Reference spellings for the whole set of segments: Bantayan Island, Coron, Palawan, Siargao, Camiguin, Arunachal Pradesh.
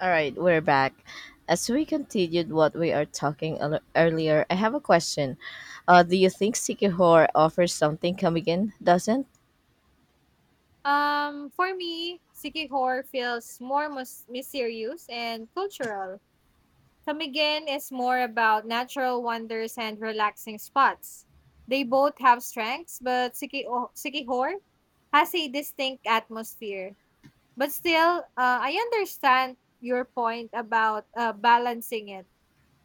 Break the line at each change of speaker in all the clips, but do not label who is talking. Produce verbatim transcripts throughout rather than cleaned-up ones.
All right, we're back. As we continued what we are talking earl- earlier, I have a question. Uh, do you think Sikihor offers something Kamigin doesn't?
Um, for me, Siki horror feels more mus- mysterious and cultural. Tamigen is more about natural wonders and relaxing spots. They both have strengths, but Siki Sikihor has a distinct atmosphere. But still, uh, I understand your point about uh, balancing it.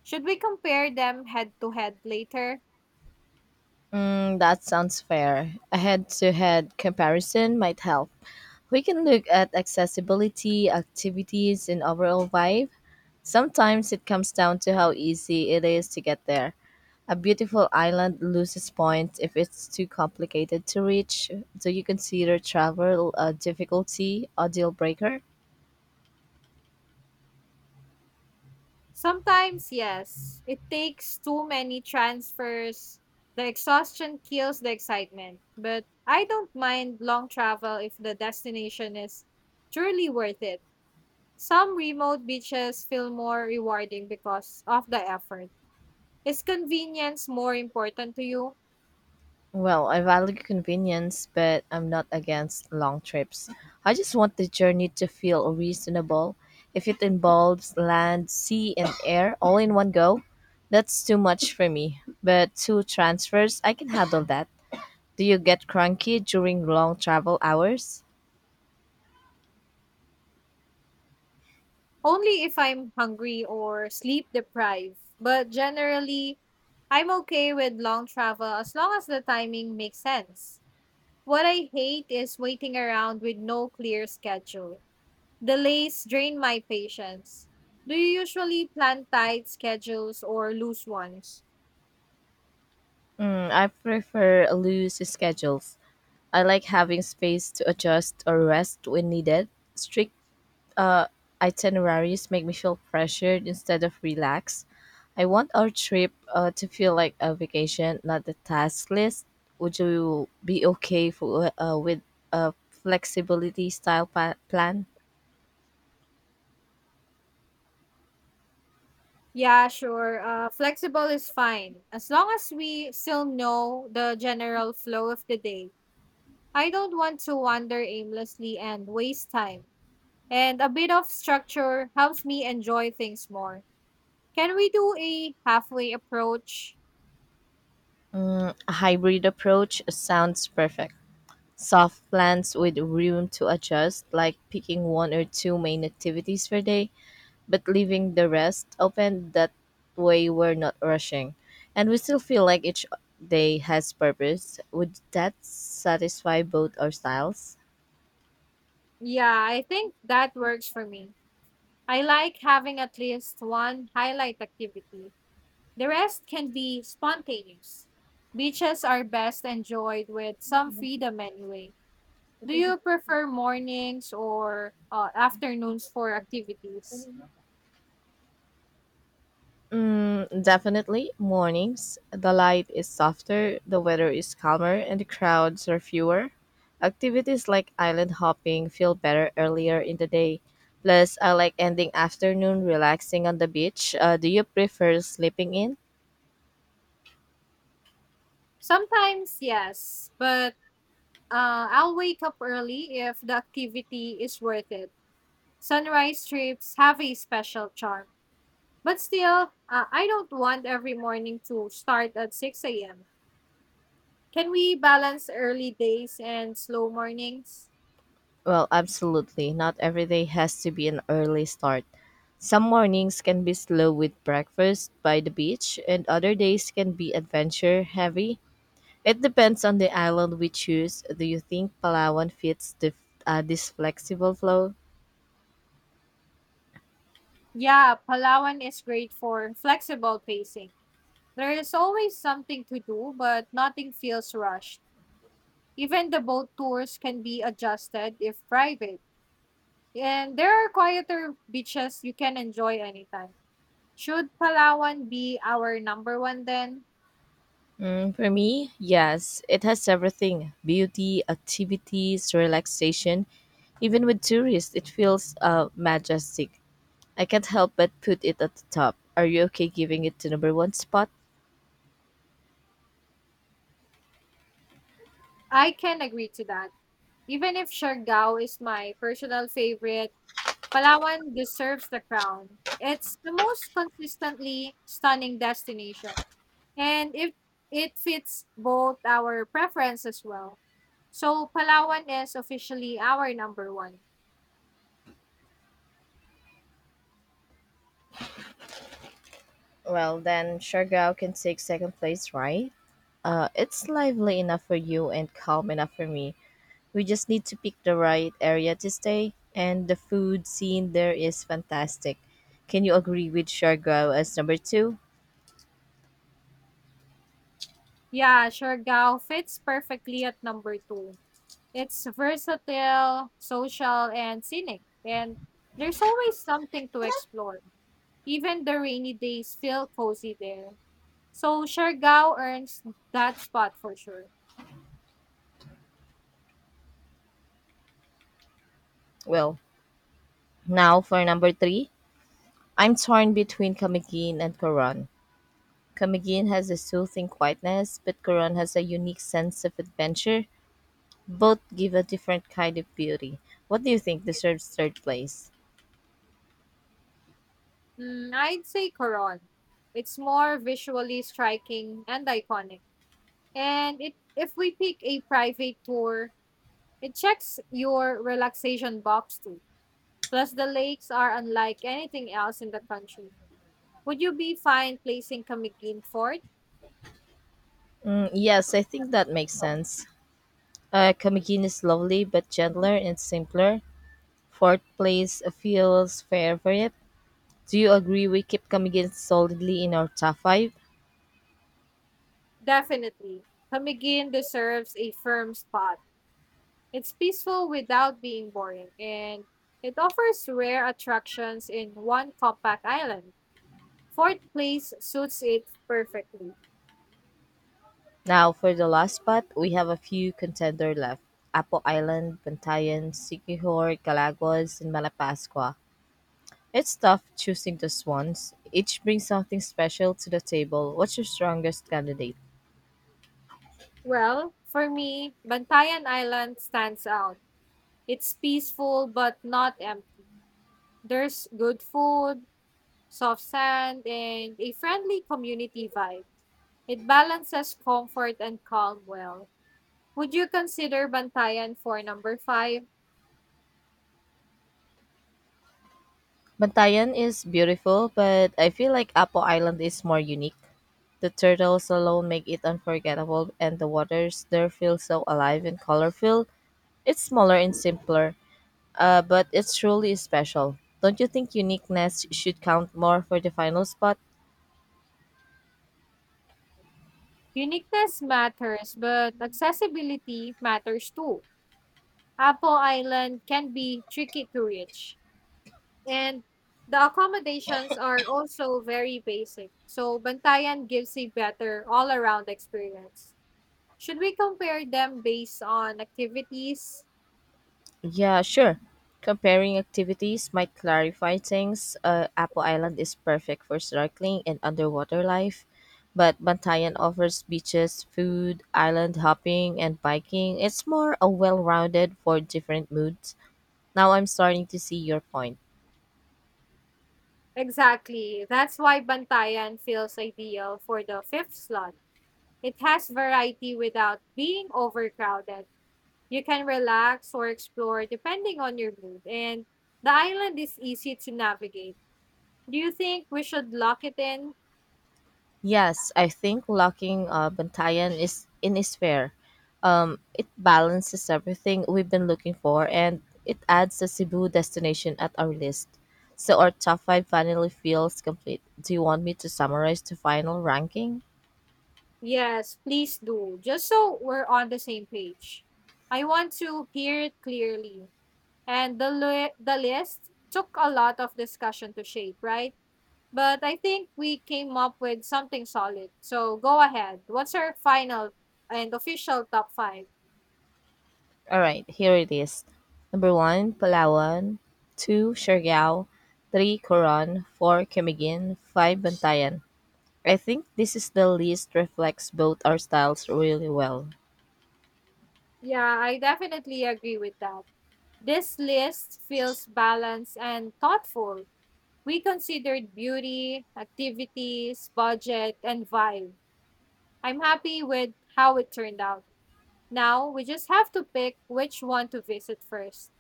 Should we compare them head to head later?
Mm, that sounds fair. A head to head comparison might help. We can look at accessibility, activities, and overall vibe. Sometimes it comes down to how easy it is to get there. A beautiful island loses points if it's too complicated to reach. Do you consider travel a difficulty, a deal breaker?
Sometimes, yes. It takes too many transfers. The exhaustion kills the excitement. But I don't mind long travel if the destination is truly worth it. Some remote beaches feel more rewarding because of the effort. Is convenience more important to you?
Well, I value convenience, but I'm not against long trips. I just want the journey to feel reasonable. If it involves land, sea, and air all in one go, that's too much for me. But two transfers, I can handle that. Do you get cranky during long travel hours?
Only if I'm hungry or sleep deprived. But generally, I'm okay with long travel as long as the timing makes sense. What I hate is waiting around with no clear schedule. Delays drain my patience. Do you usually plan tight schedules or loose ones?
Mm, I prefer loose schedules. I like having space to adjust or rest when needed. Strict itineraries make me feel pressured instead of relaxed. I want our trip uh, to feel like a vacation, not a task list. Would you be okay for, uh, uh, with a flexibility style pa- plan?
Yeah, sure. Uh, flexible is fine, as long as we still know the general flow of the day. I don't want to wander aimlessly and waste time. And a bit of structure helps me enjoy things more. Can we do a halfway approach?
A hybrid approach sounds perfect. Soft plans with room to adjust, like picking one or two main activities per day, but leaving the rest open. That way, we're not rushing. And we still feel like each day has purpose. Would that satisfy both our styles?
Yeah, I think that works for me. I like having at least one highlight activity. The rest can be spontaneous. Beaches are best enjoyed with some freedom anyway. Do you prefer mornings or uh, afternoons for activities?
Mm, definitely mornings. The light is softer, the weather is calmer, and the crowds are fewer. Activities like island hopping feel better earlier in the day. Plus, I like ending afternoon relaxing on the beach. Uh, do you prefer sleeping in?
Sometimes, yes, but uh, I'll wake up early if the activity is worth it. Sunrise trips have a special charm. But still, uh, I don't want every morning to start at six a m. Can we balance early days and slow mornings?
Well, absolutely. Not every day has to be an early start. Some mornings can be slow with breakfast by the beach, and other days can be adventure heavy. It depends on the island we choose. Do you think Palawan fits the, uh, this flexible flow?
Yeah, Palawan is great for flexible pacing. There is always something to do, but nothing feels rushed. Even the boat tours can be adjusted if private. And there are quieter beaches you can enjoy anytime. Should Palawan be our number one then?
Mm, for me, yes. It has everything: beauty, activities, relaxation. Even with tourists, it feels uh, majestic. I can't help but put it at the top. Are you okay giving it the number one spot?
I can agree to that. Even if Siargao is my personal favorite, Palawan deserves the crown. It's the most consistently stunning destination. And if it fits both our preference as well. So Palawan is officially our number one.
Well, then Siargao can take second place, right? Uh, it's lively enough for you and calm enough for me. We just need to pick the right area to stay, and the food scene there is fantastic. Can you agree with Siargao as number two?
Yeah, Siargao fits perfectly at number two. It's versatile, social, and scenic. And there's always something to explore. Even the rainy days feel cozy there. So Siargao earns that spot for sure.
Well, now for number three, I'm torn between Camiguin and Coron. Camiguin has a soothing quietness, but Coron has a unique sense of adventure. Both give a different kind of beauty. What do you think deserves third place?
Mm, I'd say Coron. It's more visually striking and iconic. And it if we pick a private tour, it checks your relaxation box too. Plus the lakes are unlike anything else in the country. Would you be fine placing Camiguin Fort?
Mm, yes, I think that makes sense. Uh, Kamigin is lovely but gentler and simpler. Fourth place feels fair for it. Do you agree we keep coming in solidly in our top five?
Definitely. Camiguin deserves a firm spot. It's peaceful without being boring, and it offers rare attractions in one compact island. Fort Place suits it perfectly.
Now for the last spot, we have a few contender left: Apo Island, Bantayan, Sikihor, Galagos, and Malapascua. It's tough choosing just ones. Each brings something special to the table. What's your strongest candidate?
Well, for me, Bantayan Island stands out. It's peaceful but not empty. There's good food, soft sand, and a friendly community vibe. It balances comfort and calm well. Would you consider Bantayan for number five?
Bantayan is beautiful, but I feel like Apo Island is more unique. The turtles alone make it unforgettable, and the waters there feel so alive and colorful. It's smaller and simpler, uh, but it's truly special. Don't you think uniqueness should count more for the final spot?
Uniqueness matters, but accessibility matters too. Apple Island can be tricky to reach. And the accommodations are also very basic, so Bantayan gives a better all around experience. Should we compare them based on activities?
Yeah, sure. Comparing activities might clarify things. Uh, Apple Island is perfect for snorkeling and underwater life, but Bantayan offers beaches, food, island hopping, and biking. It's more a well-rounded for different moods. Now I'm starting to see your point.
Exactly. That's why Bantayan feels ideal for the fifth slot. It has variety without being overcrowded. You can relax or explore depending on your mood, and the island is easy to navigate. Do you think we should lock it in?
Yes, I think locking uh, Bantayan is in is fair. Um, it balances everything we've been looking for, and it adds the Cebu destination at our list. So our top five finally feels complete. Do you want me to summarize the final ranking?
Yes, please do, just so we're on the same page. I want to hear it clearly. And the, li- the list took a lot of discussion to shape, right? But I think we came up with something solid. So go ahead. What's our final and official top five?
All right, here it is. Number one, Palawan. Two, Siargao. Three, Coron. Four, Camiguin. Five, Bantayan. I think this is the list reflects both our styles really well.
Yeah, I definitely agree with that. This list feels balanced and thoughtful. We considered beauty, activities, budget, and vibe. I'm happy with how it turned out. Now we just have to pick which one to visit first.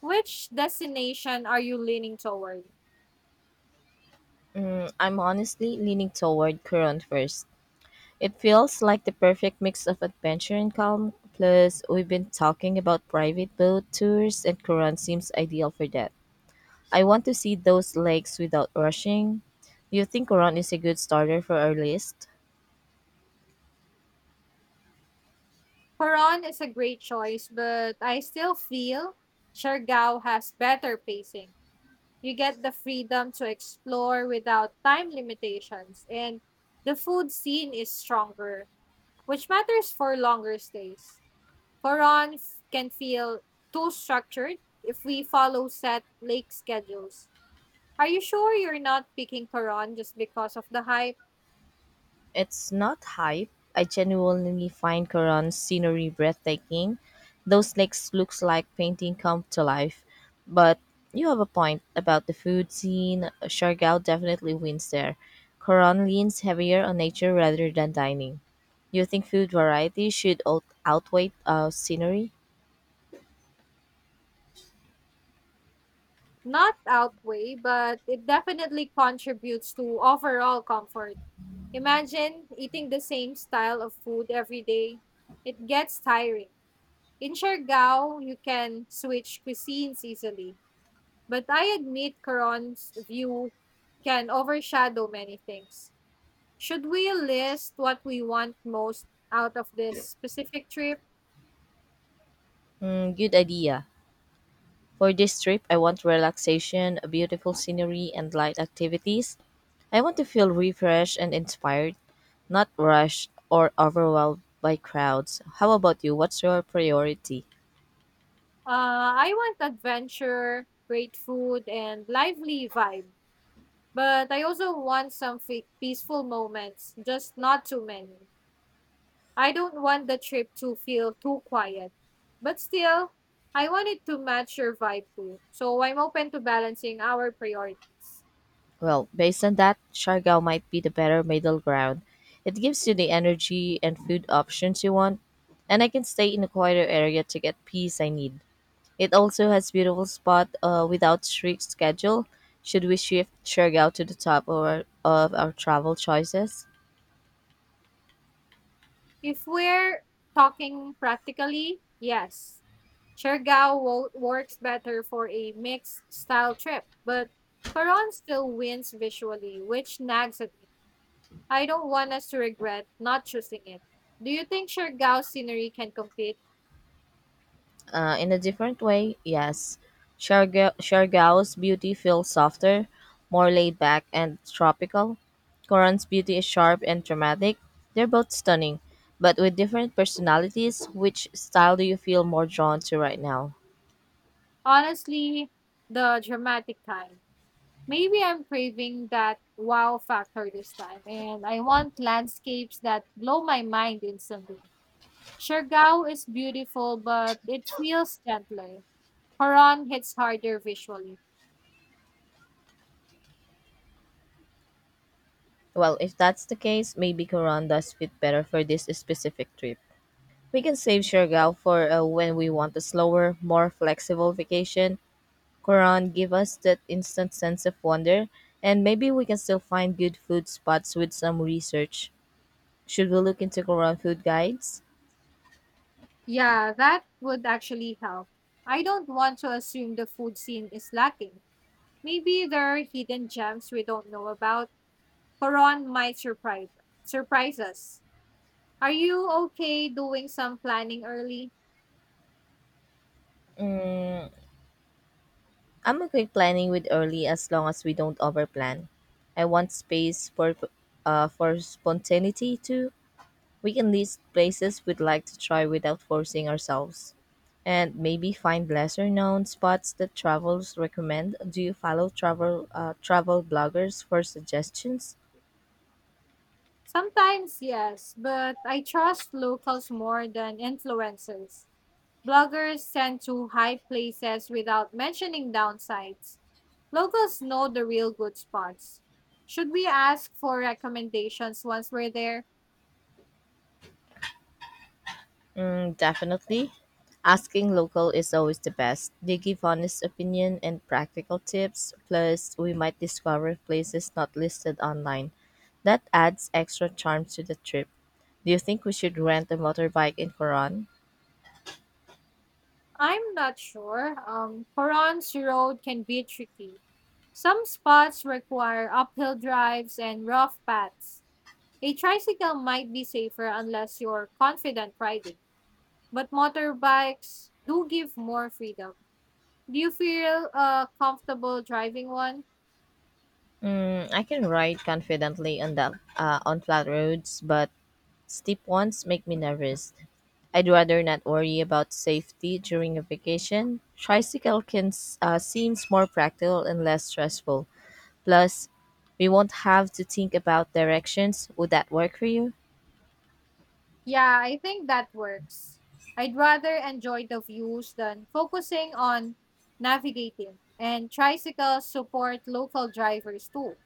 Which destination are you leaning toward?
I'm honestly leaning toward Current first. It feels like the perfect mix of adventure and calm. Plus, we've been talking about private boat tours, and Current seems ideal for that. I want to see those lakes without rushing. Do you think Current is a good starter for our list?
Coron is a great choice, but I still feel Siargao has better pacing. You get the freedom to explore without time limitations, and the food scene is stronger, which matters for longer stays. Coron f- can feel too structured if we follow set lake schedules. Are you sure you're not picking Coron just because of the hype?
It's not hype. I genuinely find Quran's scenery breathtaking. Those lakes looks like painting come to life. But you have a point about the food scene. Siargao definitely wins there. Quran leans heavier on nature rather than dining. You think food variety should out- outweigh uh, scenery?
Not outweigh, but it definitely contributes to overall comfort. Imagine eating the same style of food every day. It gets tiring. In Siargao, you can switch cuisines easily. But I admit Coron's view can overshadow many things. Should we list what we want most out of this specific trip?
Mm, good idea. For this trip, I want relaxation, beautiful scenery, and light activities. I want to feel refreshed and inspired, not rushed or overwhelmed by crowds. How about you? What's your priority?
Uh, I want adventure, great food, and lively vibe. But I also want some fe- peaceful moments, just not too many. I don't want the trip to feel too quiet. But still, I want it to match your vibe too. So I'm open to balancing our priorities.
Well, based on that, Siargao might be the better middle ground. It gives you the energy and food options you want, and I can stay in a quieter area to get peace I need. It also has beautiful spot uh, without strict schedule. Should we shift Siargao to the top or, of our travel choices?
If we're talking practically, yes, Siargao wo- works better for a mixed style trip. But Coron still wins visually, which nags at me. I don't want us to regret not choosing it. Do you think Siargao scenery can compete?
Uh, in a different way, yes. Siargao- Siargao's beauty feels softer, more laid back, and tropical. Koran's beauty is sharp and dramatic. They're both stunning, but with different personalities. Which style do you feel more drawn to right now?
Honestly, the dramatic kind. Maybe I'm craving that wow factor this time, and I want landscapes that blow my mind instantly. Siargao is beautiful, but it feels gentler. Horon hits harder visually.
Well, if that's the case, maybe Koran does fit better for this specific trip. We can save Siargao for uh, when we want a slower, more flexible vacation. Quran give us that instant sense of wonder, and maybe we can still find good food spots with some research. Should we look into Quran food guides?
Yeah, that would actually help. I don't want to assume the food scene is lacking. Maybe there are hidden gems we don't know about. Koron might surprise surprise us. Are you okay doing some planning early?
I'm okay planning with early as long as we don't overplan. I want space for uh, for spontaneity too. We can list places we'd like to try without forcing ourselves. And maybe find lesser known spots that travelers recommend. Do you follow travel uh, travel bloggers for suggestions?
Sometimes yes, but I trust locals more than influencers. Bloggers send to high places without mentioning downsides. Locals know the real good spots. Should we ask for recommendations once we're there?
Mm, definitely. Asking local is always the best. They give honest opinion and practical tips. Plus, we might discover places not listed online. That adds extra charm to the trip. Do you think we should rent a motorbike in Coron?
I'm not sure. Um, Koron's road can be tricky. Some spots require uphill drives and rough paths. A tricycle might be safer unless you're confident riding, but motorbikes do give more freedom. Do you feel uh, comfortable driving one?
I can ride confidently on the uh, on flat roads, but steep ones make me nervous. I'd rather not worry about safety during a vacation. Tricycle can s- uh, seems more practical and less stressful. Plus, we won't have to think about directions. Would that work for you?
Yeah, I think that works. I'd rather enjoy the views than focusing on navigating, and tricycles support local drivers too.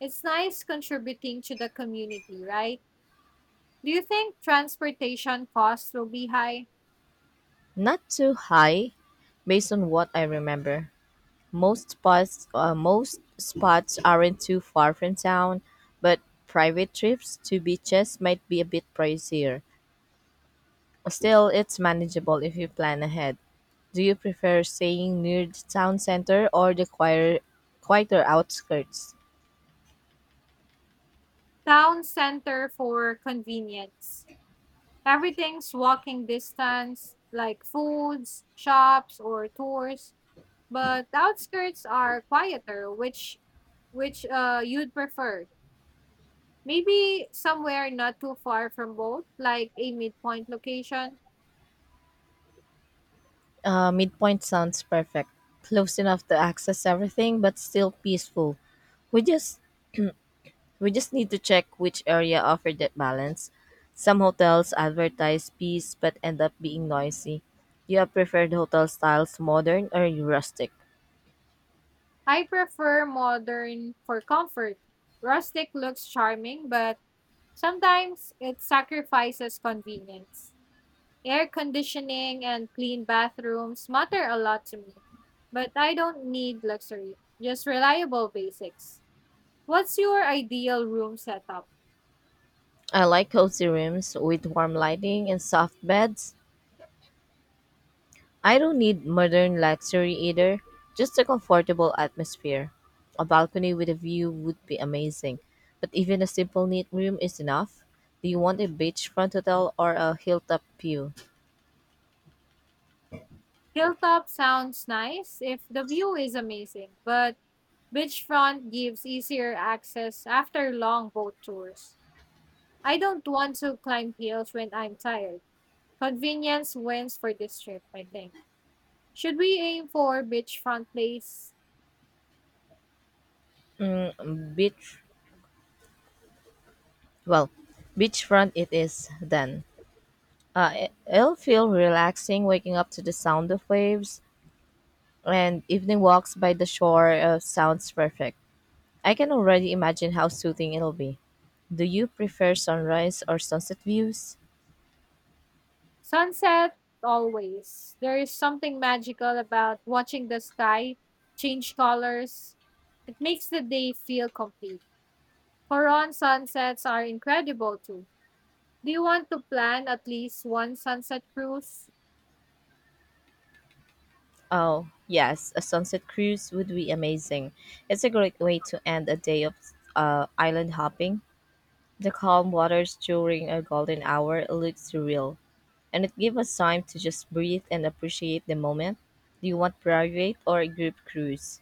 It's nice contributing to the community, right? Do you think transportation costs will be high?
Not too high, based on what I remember. Most spots, uh, most spots aren't too far from town, but private trips to beaches might be a bit pricier. Still, it's manageable if you plan ahead. Do you prefer staying near the town center or the quieter, quieter outskirts?
Town center for convenience. Everything's walking distance, like foods, shops, or tours. But the outskirts are quieter, which which uh you'd prefer. Maybe somewhere not too far from both, like a midpoint location.
Uh, midpoint sounds perfect. Close enough to access everything, but still peaceful. We just we just need to check which area offer that balance. Some hotels advertise peace but end up being noisy. Do you have preferred hotel styles, modern or rustic?
I prefer modern for comfort. Rustic looks charming, but sometimes it sacrifices convenience. Air conditioning and clean bathrooms matter a lot to me, but I don't need luxury, just reliable basics. What's your ideal room setup?
I like cozy rooms with warm lighting and soft beds. I don't need modern luxury either, just a comfortable atmosphere. A balcony with a view would be amazing, but even a simple neat room is enough. Do you want a beachfront hotel or a hilltop view?
Hilltop sounds nice if the view is amazing, but beachfront gives easier access after long boat tours. I don't want to climb hills when I'm tired. Convenience wins for this trip, I think. Should we aim for beachfront place?
Um, Beach, well, Beachfront it is then. Uh, it- it'll feel relaxing waking up to the sound of waves, and evening walks by the shore uh, sounds perfect. I can already imagine how soothing it'll be. Do you prefer sunrise or sunset views?
Sunset, always. There is something magical about watching the sky change colors. It makes the day feel complete. Coron sunsets are incredible too. Do you want to plan at least one sunset cruise?
Oh, yes, a sunset cruise would be amazing. It's a great way to end a day of uh, island hopping. The calm waters during a golden hour looks surreal, and it gives us time to just breathe and appreciate the moment. Do you want private or a group cruise?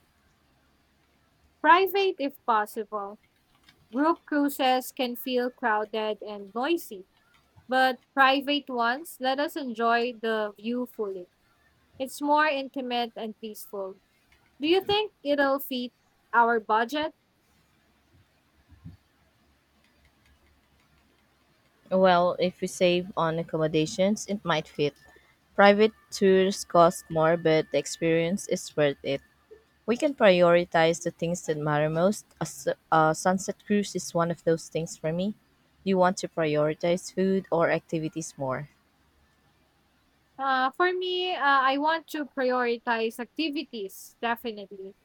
Private if possible. Group cruises can feel crowded and noisy, but private ones let us enjoy the view fully. It's more intimate and peaceful. Do you think it'll fit our budget?
Well, if we save on accommodations, it might fit. Private tours cost more, but the experience is worth it. We can prioritize the things that matter most. A, s- a sunset cruise is one of those things for me. Do you want to prioritize food or activities more?
Uh, for me, uh, I want to prioritize activities, definitely.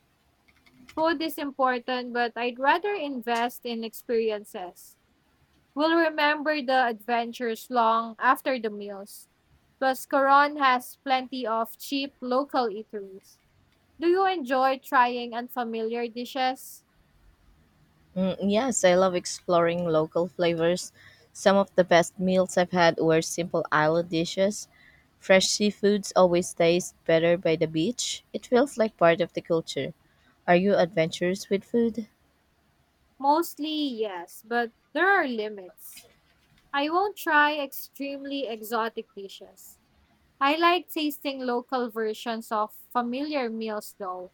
Food is important, but I'd rather invest in experiences. We'll remember the adventures long after the meals. Plus, Coron has plenty of cheap local eateries. Do you enjoy trying unfamiliar dishes?
Mm, yes, I love exploring local flavors. Some of the best meals I've had were simple island dishes. Fresh seafoods always taste better by the beach. It feels like part of the culture. Are you adventurous with food?
Mostly, yes, but there are limits. I won't try extremely exotic dishes. I like tasting local versions of familiar meals though,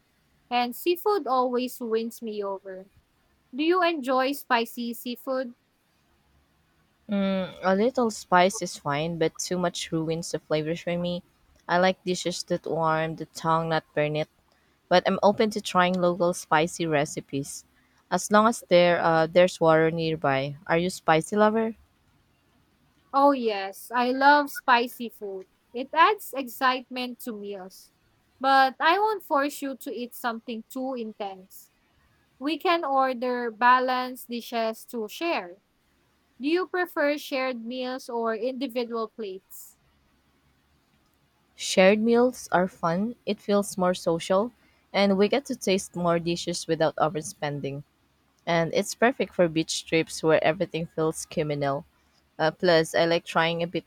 and seafood always wins me over. Do you enjoy spicy seafood?
A little spice is fine, but too much ruins the flavors for me. I like dishes that warm the tongue, not burn it. But I'm open to trying local spicy recipes, as long as there uh, there's water nearby. Are you spicy lover?
Oh, yes, I love spicy food. It adds excitement to meals. But I won't force you to eat something too intense. We can order balanced dishes to share. Do you prefer shared meals or individual plates?
Shared meals are fun. It feels more social, and we get to taste more dishes without overspending. And it's perfect for beach trips where everything feels communal. Uh, plus, I like trying a bit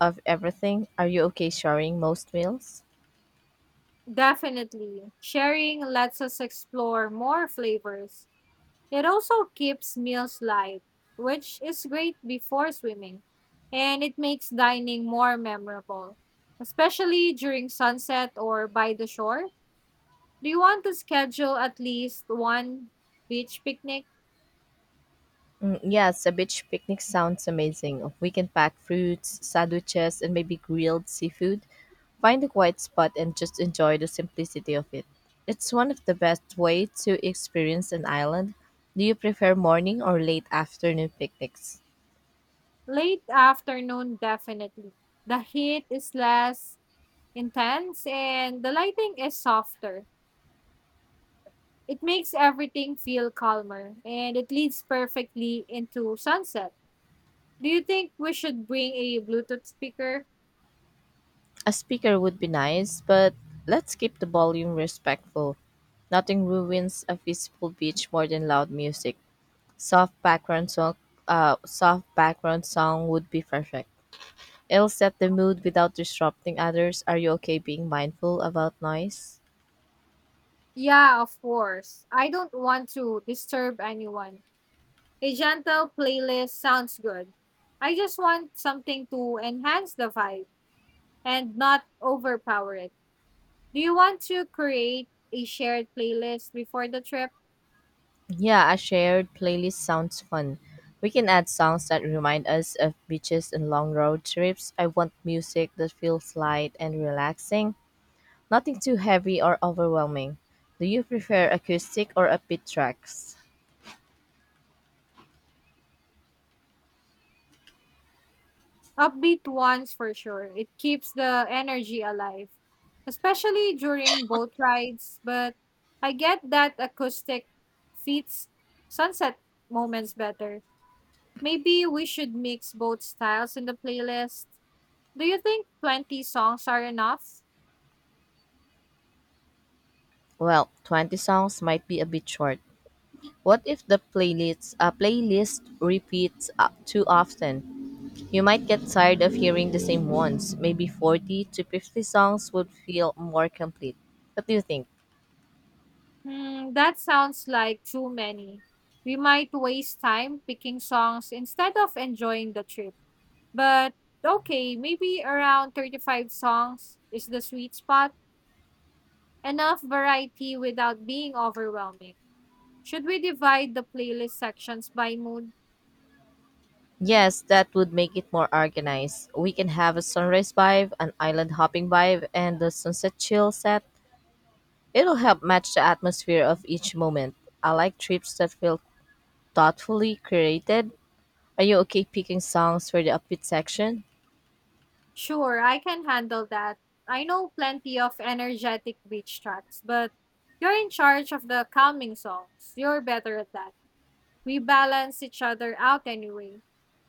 of everything. Are you okay sharing most meals?
Definitely. Sharing lets us explore more flavors. It also keeps meals light, which is great before swimming, and it makes dining more memorable, especially during sunset or by the shore. Do you want to schedule at least one beach picnic?
Mm, Yes, a beach picnic sounds amazing. We can pack fruits, sandwiches, and maybe grilled seafood. Find a quiet spot and just enjoy the simplicity of it. It's one of the best way to experience an island. Do you prefer morning or late afternoon picnics?
Late afternoon, definitely. The heat is less intense and the lighting is softer. It makes everything feel calmer and it leads perfectly into sunset. Do you think we should bring a Bluetooth speaker?
A speaker would be nice, but let's keep the volume respectful. Nothing ruins a peaceful beach more than loud music. Soft background song, uh, Soft background song would be perfect. It'll set the mood without disrupting others. Are you okay being mindful about noise?
Yeah, of course. I don't want to disturb anyone. A gentle playlist sounds good. I just want something to enhance the vibe and not overpower it. Do you want to create a shared playlist before the trip?
Yeah, a shared playlist sounds fun. We can add songs that remind us of beaches and long road trips. I want music that feels light and relaxing, nothing too heavy or overwhelming. Do you prefer acoustic or upbeat tracks?
Upbeat ones for sure. It keeps the energy alive, especially during boat rides. But I get that acoustic fits sunset moments better. Maybe we should mix both styles in the playlist. Do you think twenty songs are enough?
Well, twenty songs might be a bit short. What if the playlist, uh, playlist repeats uh, too often? You might get tired of hearing the same ones. Maybe forty to fifty songs would feel more complete. What do you think?
Hmm, that sounds like too many. We might waste time picking songs instead of enjoying the trip. But okay, maybe around thirty-five songs is the sweet spot. Enough variety without being overwhelming. Should we divide the playlist sections by mood?
Yes, that would make it more organized. We can have a sunrise vibe, an island hopping vibe, and the sunset chill set. It'll help match the atmosphere of each moment. I like trips that feel thoughtfully created. Are you okay picking songs for the upbeat section?
Sure, I can handle that. I know plenty of energetic beach tracks, but you're in charge of the calming songs. You're better at that. We balance each other out anyway.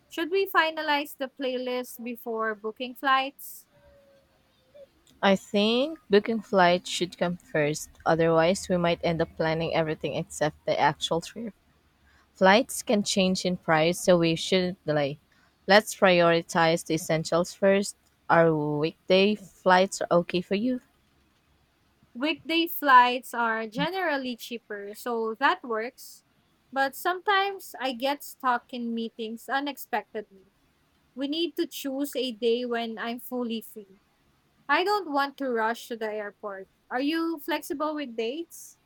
Should we finalize the playlist before booking flights?
I think booking flights should come first. Otherwise, we might end up planning everything except the actual trip. Flights can change in price, so we shouldn't delay. Let's prioritize the essentials first. Are weekday flights okay for you?
Weekday flights are generally cheaper, so that works. But sometimes I get stuck in meetings unexpectedly. We need to choose a day when I'm fully free. I don't want to rush to the airport. Are you flexible with dates?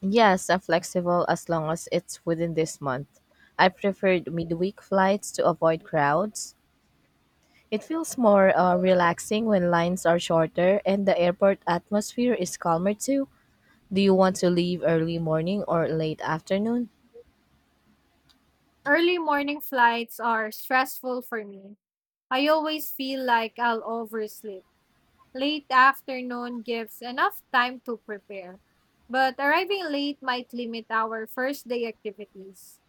Yes, I'm flexible as long as it's within this month. I preferred midweek flights to avoid crowds. It feels more uh, relaxing when lines are shorter and the airport atmosphere is calmer too. Do you want to leave early morning or late afternoon?
Early morning flights are stressful for me. I always feel like I'll oversleep. Late afternoon gives enough time to prepare, but arriving late might limit our first day activities.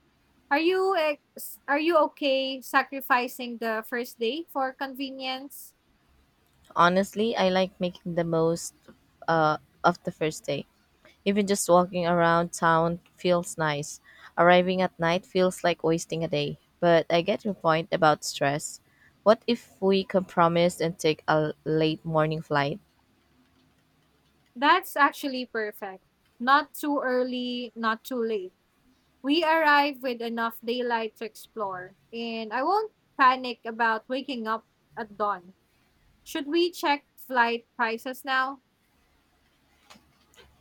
Are you ex- are you okay sacrificing the first day for convenience?
Honestly, I like making the most uh, of the first day. Even just walking around town feels nice. Arriving at night feels like wasting a day. But I get your point about stress. What if we compromise and take a late morning flight?
That's actually perfect. Not too early, not too late. We arrived with enough daylight to explore, and I won't panic about waking up at dawn. Should we check flight prices now?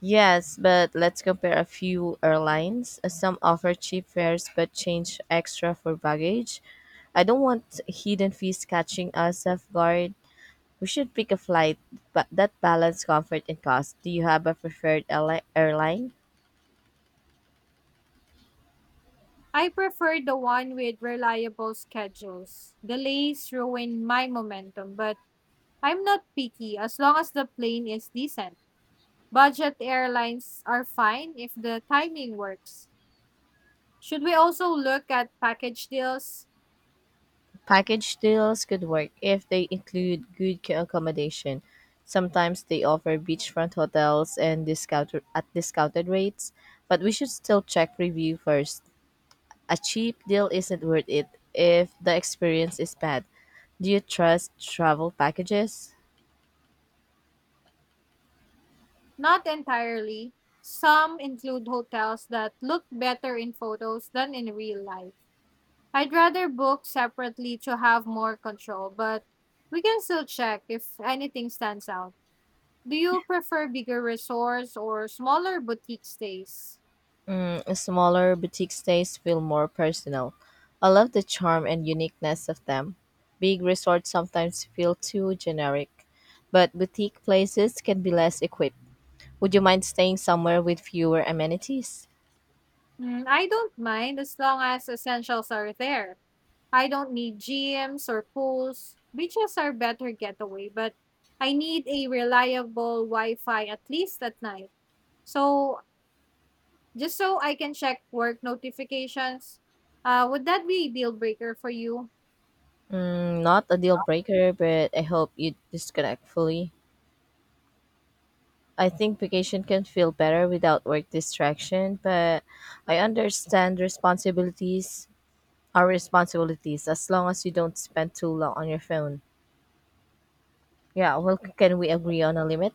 Yes, but let's compare a few airlines. Some offer cheap fares but change extra for baggage. I don't want hidden fees catching us off guard. We should pick a flight but that balance comfort and cost. Do you have a preferred airli- airline?
I prefer the one with reliable schedules. Delays ruin my momentum, but I'm not picky as long as the plane is decent. Budget airlines are fine if the timing works. Should we also look at package deals?
Package deals could work if they include good ca- accommodation. Sometimes they offer beachfront hotels and discount at discounted rates, but we should still check review first. A cheap deal isn't worth it if the experience is bad. Do you trust travel packages?
Not entirely. Some include hotels that look better in photos than in real life. I'd rather book separately to have more control, but we can still check if anything stands out. Do you prefer bigger resorts or smaller boutique stays?
Mm, smaller boutique stays feel more personal. I love the charm and uniqueness of them. Big resorts sometimes feel too generic, but boutique places can be less equipped. Would you mind staying somewhere with fewer amenities?
Mm, I don't mind as long as essentials are there. I don't need gyms or pools. Beaches are better getaway, but I need a reliable Wi Fi at least at night. So just so I can check work notifications. Uh, would that be a deal breaker for you?
Mm, not a deal breaker, but I hope you disconnect fully. I think vacation can feel better without work distraction, but I understand responsibilities are responsibilities as long as you don't spend too long on your phone. Yeah, well, c- can we agree on a limit?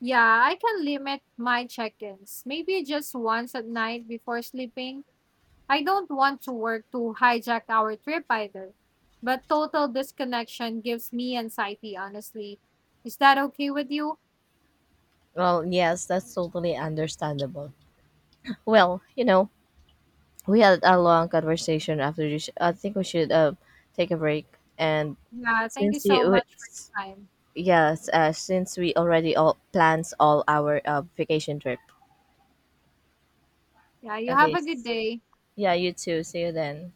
Yeah, I can limit my check ins, maybe just once at night before sleeping. I don't want to work to hijack our trip either. But total disconnection gives me anxiety, honestly. Is that okay with you?
Well, yes, that's totally understandable. Well, you know, we had a long conversation after this. I think we should uh, take a break. And
Yeah, thank you
since
so
you,
much for the time.
yes, uh, since we already all plans all our uh, vacation trip.
Yeah, you
Okay.
have a good
s-
day.
Yeah, you too. See you then.